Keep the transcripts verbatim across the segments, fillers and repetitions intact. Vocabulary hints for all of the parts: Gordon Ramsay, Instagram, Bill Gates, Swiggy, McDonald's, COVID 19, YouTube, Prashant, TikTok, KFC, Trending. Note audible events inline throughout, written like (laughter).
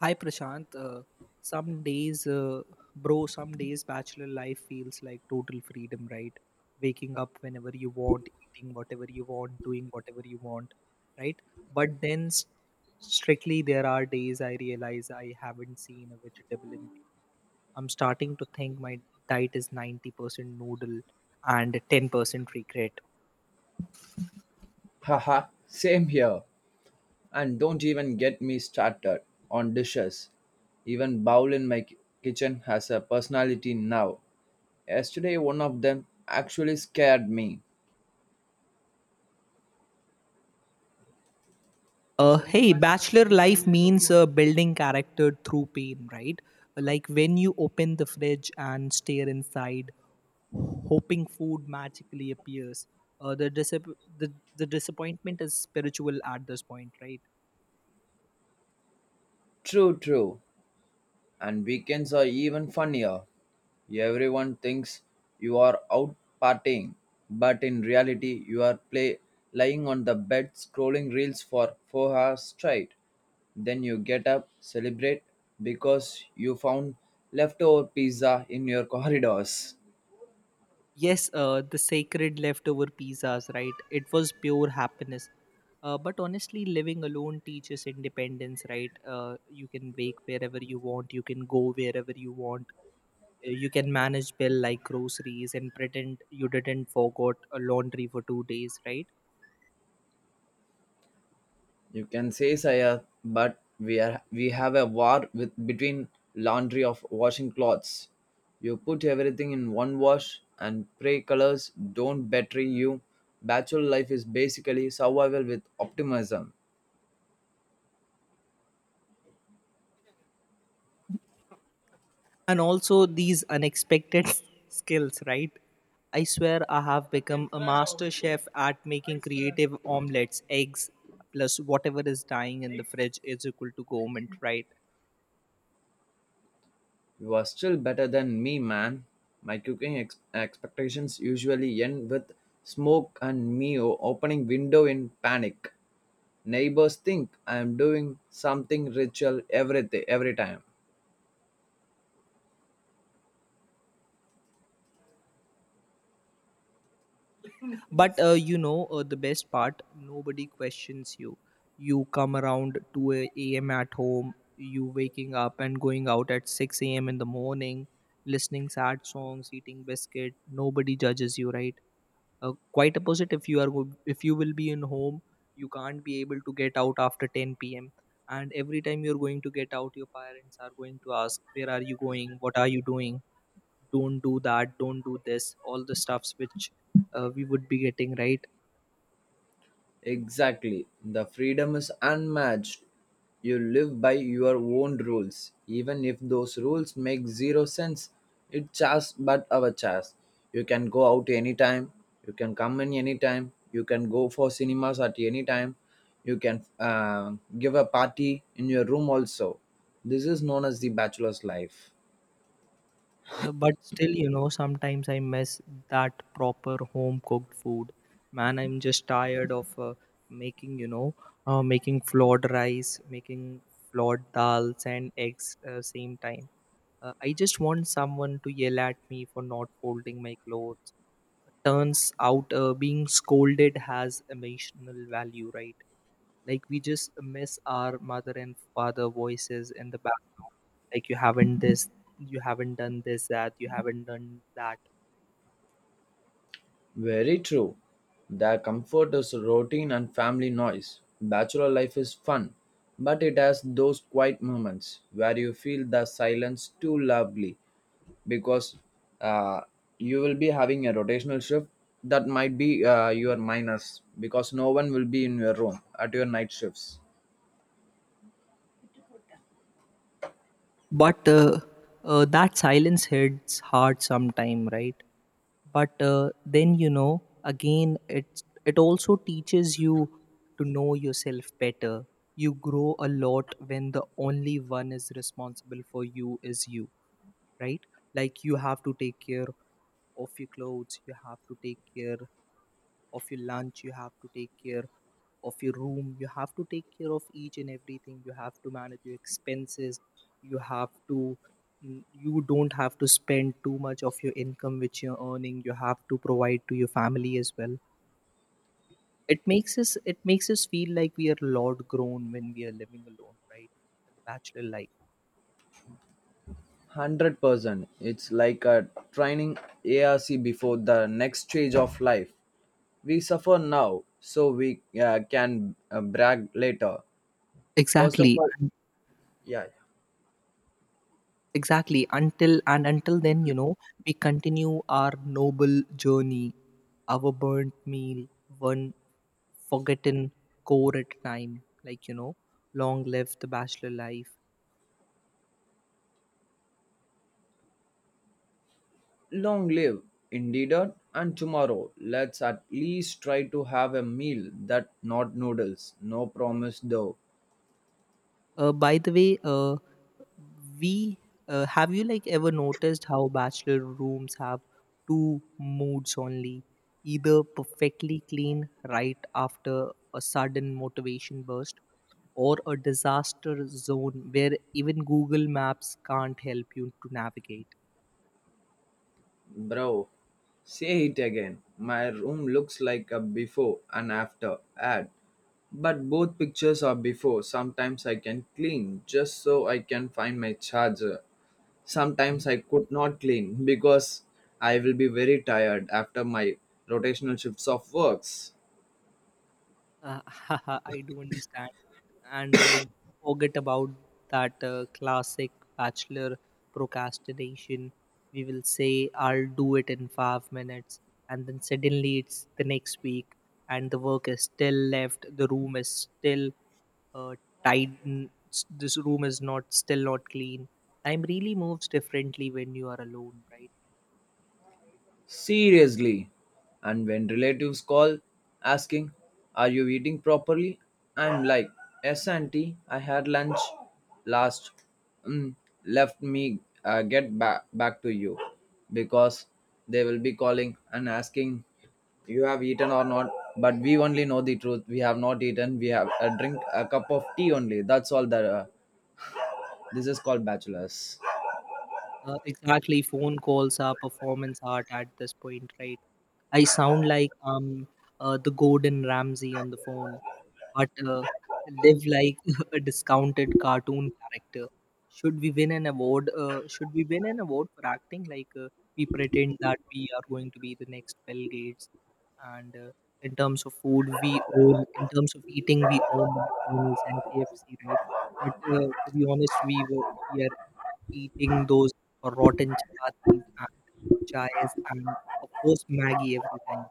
Hi Prashant. Uh, some days, uh, bro, some days bachelor life feels like total freedom, right? Waking up whenever you want, eating whatever you want, doing whatever you want, right? But then, s- strictly, there are days I realize I haven't seen a vegetable in a week. I'm starting to think my diet is ninety percent noodle and ten percent regret. Haha, same here. And don't even get me started on dishes. Even bowl in my ki- kitchen has a personality now. Yesterday, one of them actually scared me. Uh, hey, bachelor life means uh, building character through pain, right? Like when you open the fridge and stare inside, hoping food magically appears. Uh, the, disap- the the disappointment is spiritual at this point, right? True, true. And weekends are even funnier. Everyone thinks you are out partying, but in reality, you are play, lying on the bed scrolling reels for four hours straight. Then you get up, celebrate because you found leftover pizza in your (laughs) corridors. Yes, uh, the sacred leftover pizzas, right? It was pure happiness. Uh, but honestly, living alone teaches independence, right? Uh, you can wake wherever you want, you can go wherever you want, you can manage bill like groceries and pretend you didn't forgot a laundry for two days, right? You can say Saya, but we are we have a war with between laundry of washing clothes. You put everything in one wash and pray colors don't betray you. Bachelor life is basically survival with optimism. And also these unexpected (laughs) skills, right? I swear I have become a master chef at making creative omelets eggs plus whatever is dying in the fridge is equal to government, right? You are still better than me, man. My cooking ex- expectations usually end with smoke and me o- opening window in panic. Neighbors think I am doing something ritual every, every time. But uh, you know, uh, the best part, nobody questions you. You come around two a- a.m. at home, you waking up and going out at six a m in the morning, listening sad songs, eating biscuit. Nobody judges you, right? Uh, quite opposite. If you are, go- if you will be in home, you can't be able to get out after ten p m. And every time you're going to get out, your parents are going to ask, "Where are you going? What are you doing? Don't do that. Don't do this." All the stuffs which uh, we would be getting, right? Exactly. The freedom is unmatched. You live by your own rules. Even if those rules make zero sense, it's just but our choice. You can go out anytime. You can come in anytime. You can go for cinemas at any time. You can uh, give a party in your room also. This is known as the bachelor's life. Uh, but still, you know, sometimes I miss that proper home cooked food. Man, I'm just tired of uh, making, you know, uh, making flawed rice, making flawed dals and eggs uh, same time. Uh, I just want someone to yell at me for not folding my clothes. Turns out uh, being scolded has emotional value, right? Like we just miss our mother and father voices in the back, like you haven't this, you haven't done this, that you haven't done that. Very true. Their comfort is routine and family noise. Bachelor life is fun, but it has those quiet moments where you feel the silence too loudly because uh, you will be having a rotational shift that might be uh, your minus because no one will be in your room at your night shifts. But uh, uh, that silence hits hard sometime, right? But uh, then, you know, again it's it also teaches you to know yourself better. You grow a lot when the only one is responsible for you is you, right? Like you have to take care of your clothes, you have to take care of your lunch, you have to take care of your room, you have to take care of each and everything, you have to manage your expenses, you have to, mm, you don't have to spend too much of your income which you're earning, you have to provide to your family as well. It makes us it makes us feel like we are lord grown when we are living alone, right? Like a bachelor life. Hundred percent. It's like a training ARC before the next stage of life. We suffer now, so we uh, can uh, brag later. First of Exactly. all, yeah, yeah. Exactly. Until and until then, you know, we continue our noble journey, our burnt meal, one forgotten core at a time. Like, you know, long live the bachelor life. Long live indeed, and tomorrow let's at least try to have a meal that not noodles. No promise though. Uh, by the way, uh, we uh, have you like ever noticed how bachelor rooms have two moods only, either perfectly clean right after a sudden motivation burst, or a disaster zone where even Google Maps can't help you to navigate. Bro, say it again. My room looks like a before and after ad. But both pictures are before. Sometimes I can clean just so I can find my charger. Sometimes I could not clean because I will be very tired after my rotational shifts of works. Uh, (laughs) I do understand. And uh, don't forget about that uh, classic bachelor procrastination. We will say, I'll do it in five minutes. And then suddenly it's the next week, and the work is still left. The room is still uh, tight. n- s- This room is not still not clean. Time really moves differently when you are alone, right? Seriously. And when relatives call asking, "Are you eating properly?" I'm like, "Yes, auntie, I had lunch last. Mm, left me uh, get back, back to you," because they will be calling and asking you have eaten or not, but we only know the truth. We have not eaten, we have a drink, a cup of tea only, that's all that uh, this is called bachelors. Uh, exactly, phone calls are performance art at this point, right? I sound like um uh, the Gordon Ramsay on the phone, but uh, live like (laughs) a discounted cartoon character. Should we win an award? Uh, should we win an award for acting? Like uh, we pretend that we are going to be the next Bill Gates, and uh, in terms of food, we own. In terms of eating, we own the McDonald's and K F C, right? But uh, to be honest, we were we are eating those rotten chapatis and chais and of course Maggie every time.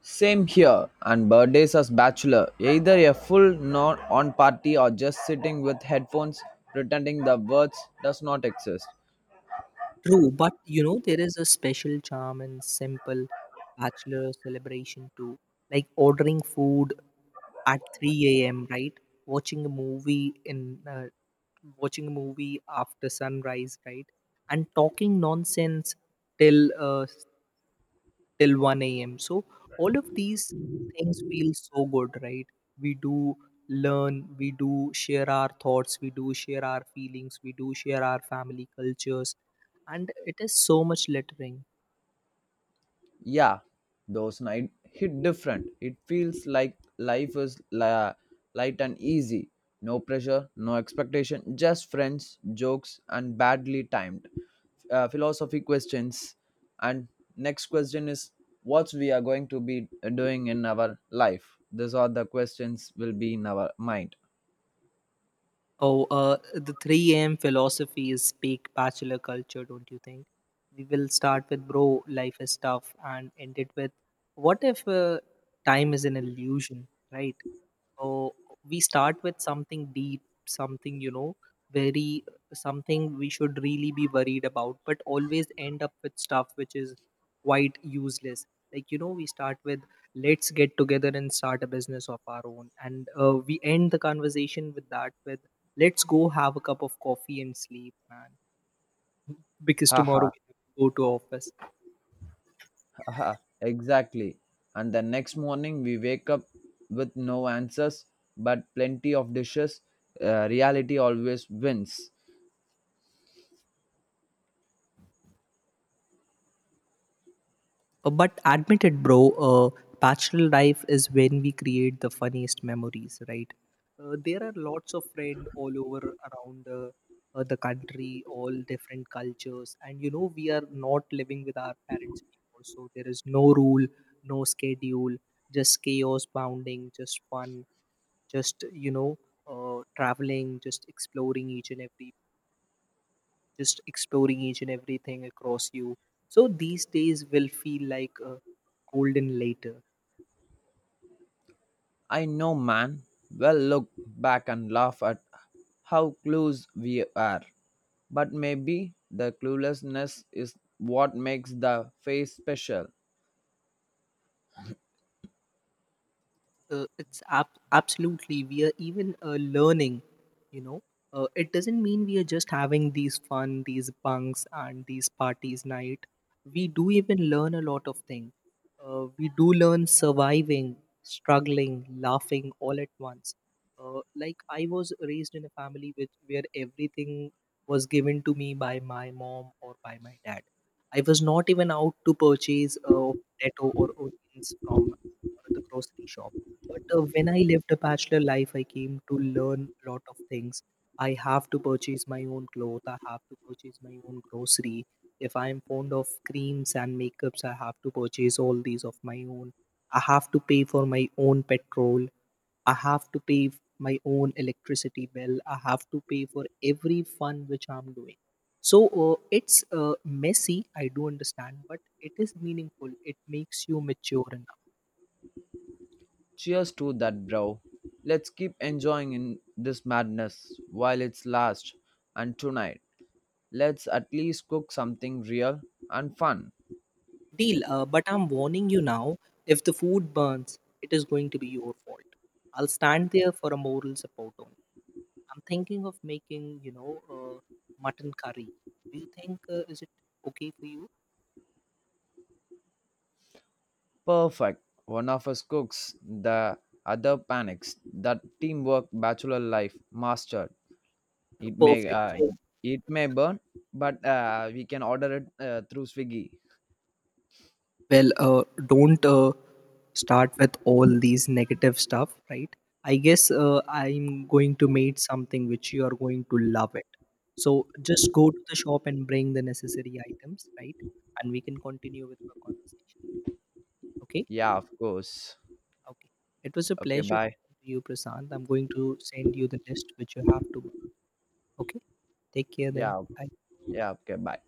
Same here, and birthdays as bachelor, either a full non on party or just sitting with headphones pretending the words does not exist. True, but you know there is a special charm in simple bachelor celebration too, like ordering food at three a m. Right, watching a movie in uh, watching a movie after sunrise. Right, and talking nonsense till uh, till one a m. So all of these things feel so good, right? We do learn, we do share our thoughts, we do share our feelings, we do share our family cultures, and it is so much lettering. Yeah, those night hit different. It feels like life is la- light and easy. No pressure, no expectation, just friends, jokes, and badly timed uh, philosophy questions. And next question is what we are going to be doing in our life. These are the questions will be in our mind. Oh, uh, the three a m philosophy is peak bachelor culture, don't you think? We will start with bro, life is tough, and end it with what if uh, time is an illusion, right? So we start with something deep, something, you know, very, something we should really be worried about, but always end up with stuff which is quite useless. Like, you know, we start with let's get together and start a business of our own. And uh, we end the conversation with that, with let's go have a cup of coffee and sleep, man, because Haha. tomorrow we have to go to office. Aha, exactly. And the next morning we wake up with no answers but plenty of dishes. Uh, reality always wins. Uh, But admit it, bro, uh, bachelor life is when we create the funniest memories, right? Uh, there are lots of friends all over around the, uh, the country, all different cultures. And, you know, we are not living with our parents anymore. So there is no rule, no schedule, just chaos bounding, just fun, just, you know, uh, traveling, just exploring each and every just exploring each and everything across you, so these days will feel like uh, golden later. I know, man. Well, look back and laugh at how clueless we are. But maybe the cluelessness is what makes the face special. Uh, it's ab- absolutely, we are even uh, learning, you know, uh, it doesn't mean we are just having these fun, these bunks and these parties night, we do even learn a lot of things. Uh, we do learn surviving, struggling, laughing, all at once. Uh, like I was raised in a family with where everything was given to me by my mom or by my dad. I was not even out to purchase uh, potato or onions from uh, the grocery shop. But uh, when I lived a bachelor life, I came to learn a lot of things. I have to purchase my own clothes. I have to purchase my own grocery. If I am fond of creams and makeups, I have to purchase all these of my own. I have to pay for my own petrol. I have to pay f- my own electricity bill. I have to pay for every fun which I'm doing. So uh, it's uh, messy, I do understand, but it is meaningful. It makes you mature. Cheers to that, bro. Let's keep enjoying in this madness while it's last. And tonight, let's at least cook something real and fun. Deal, uh, but I'm warning you now, if the food burns, it is going to be your fault. I'll stand there for a moral support only. I'm thinking of making, you know, uh, mutton curry. Do you think uh, is it okay for you? Perfect. One of us cooks, the other panics. That teamwork bachelor life mastered. It may Perfect. uh, So, it may burn, but uh, we can order it uh, through Swiggy. well, uh, don't uh, start with all these negative stuff, right? I guess uh, I'm going to make something which you are going to love it. So just go to the shop and bring the necessary items, right? And we can continue with our conversation. Okay, Yeah, of course. okay. It was a Okay, pleasure bye. talking to you, Prasant. I'm going to send you the list which you have to. Okay, take care then. Yeah, Bye. yeah, okay, bye.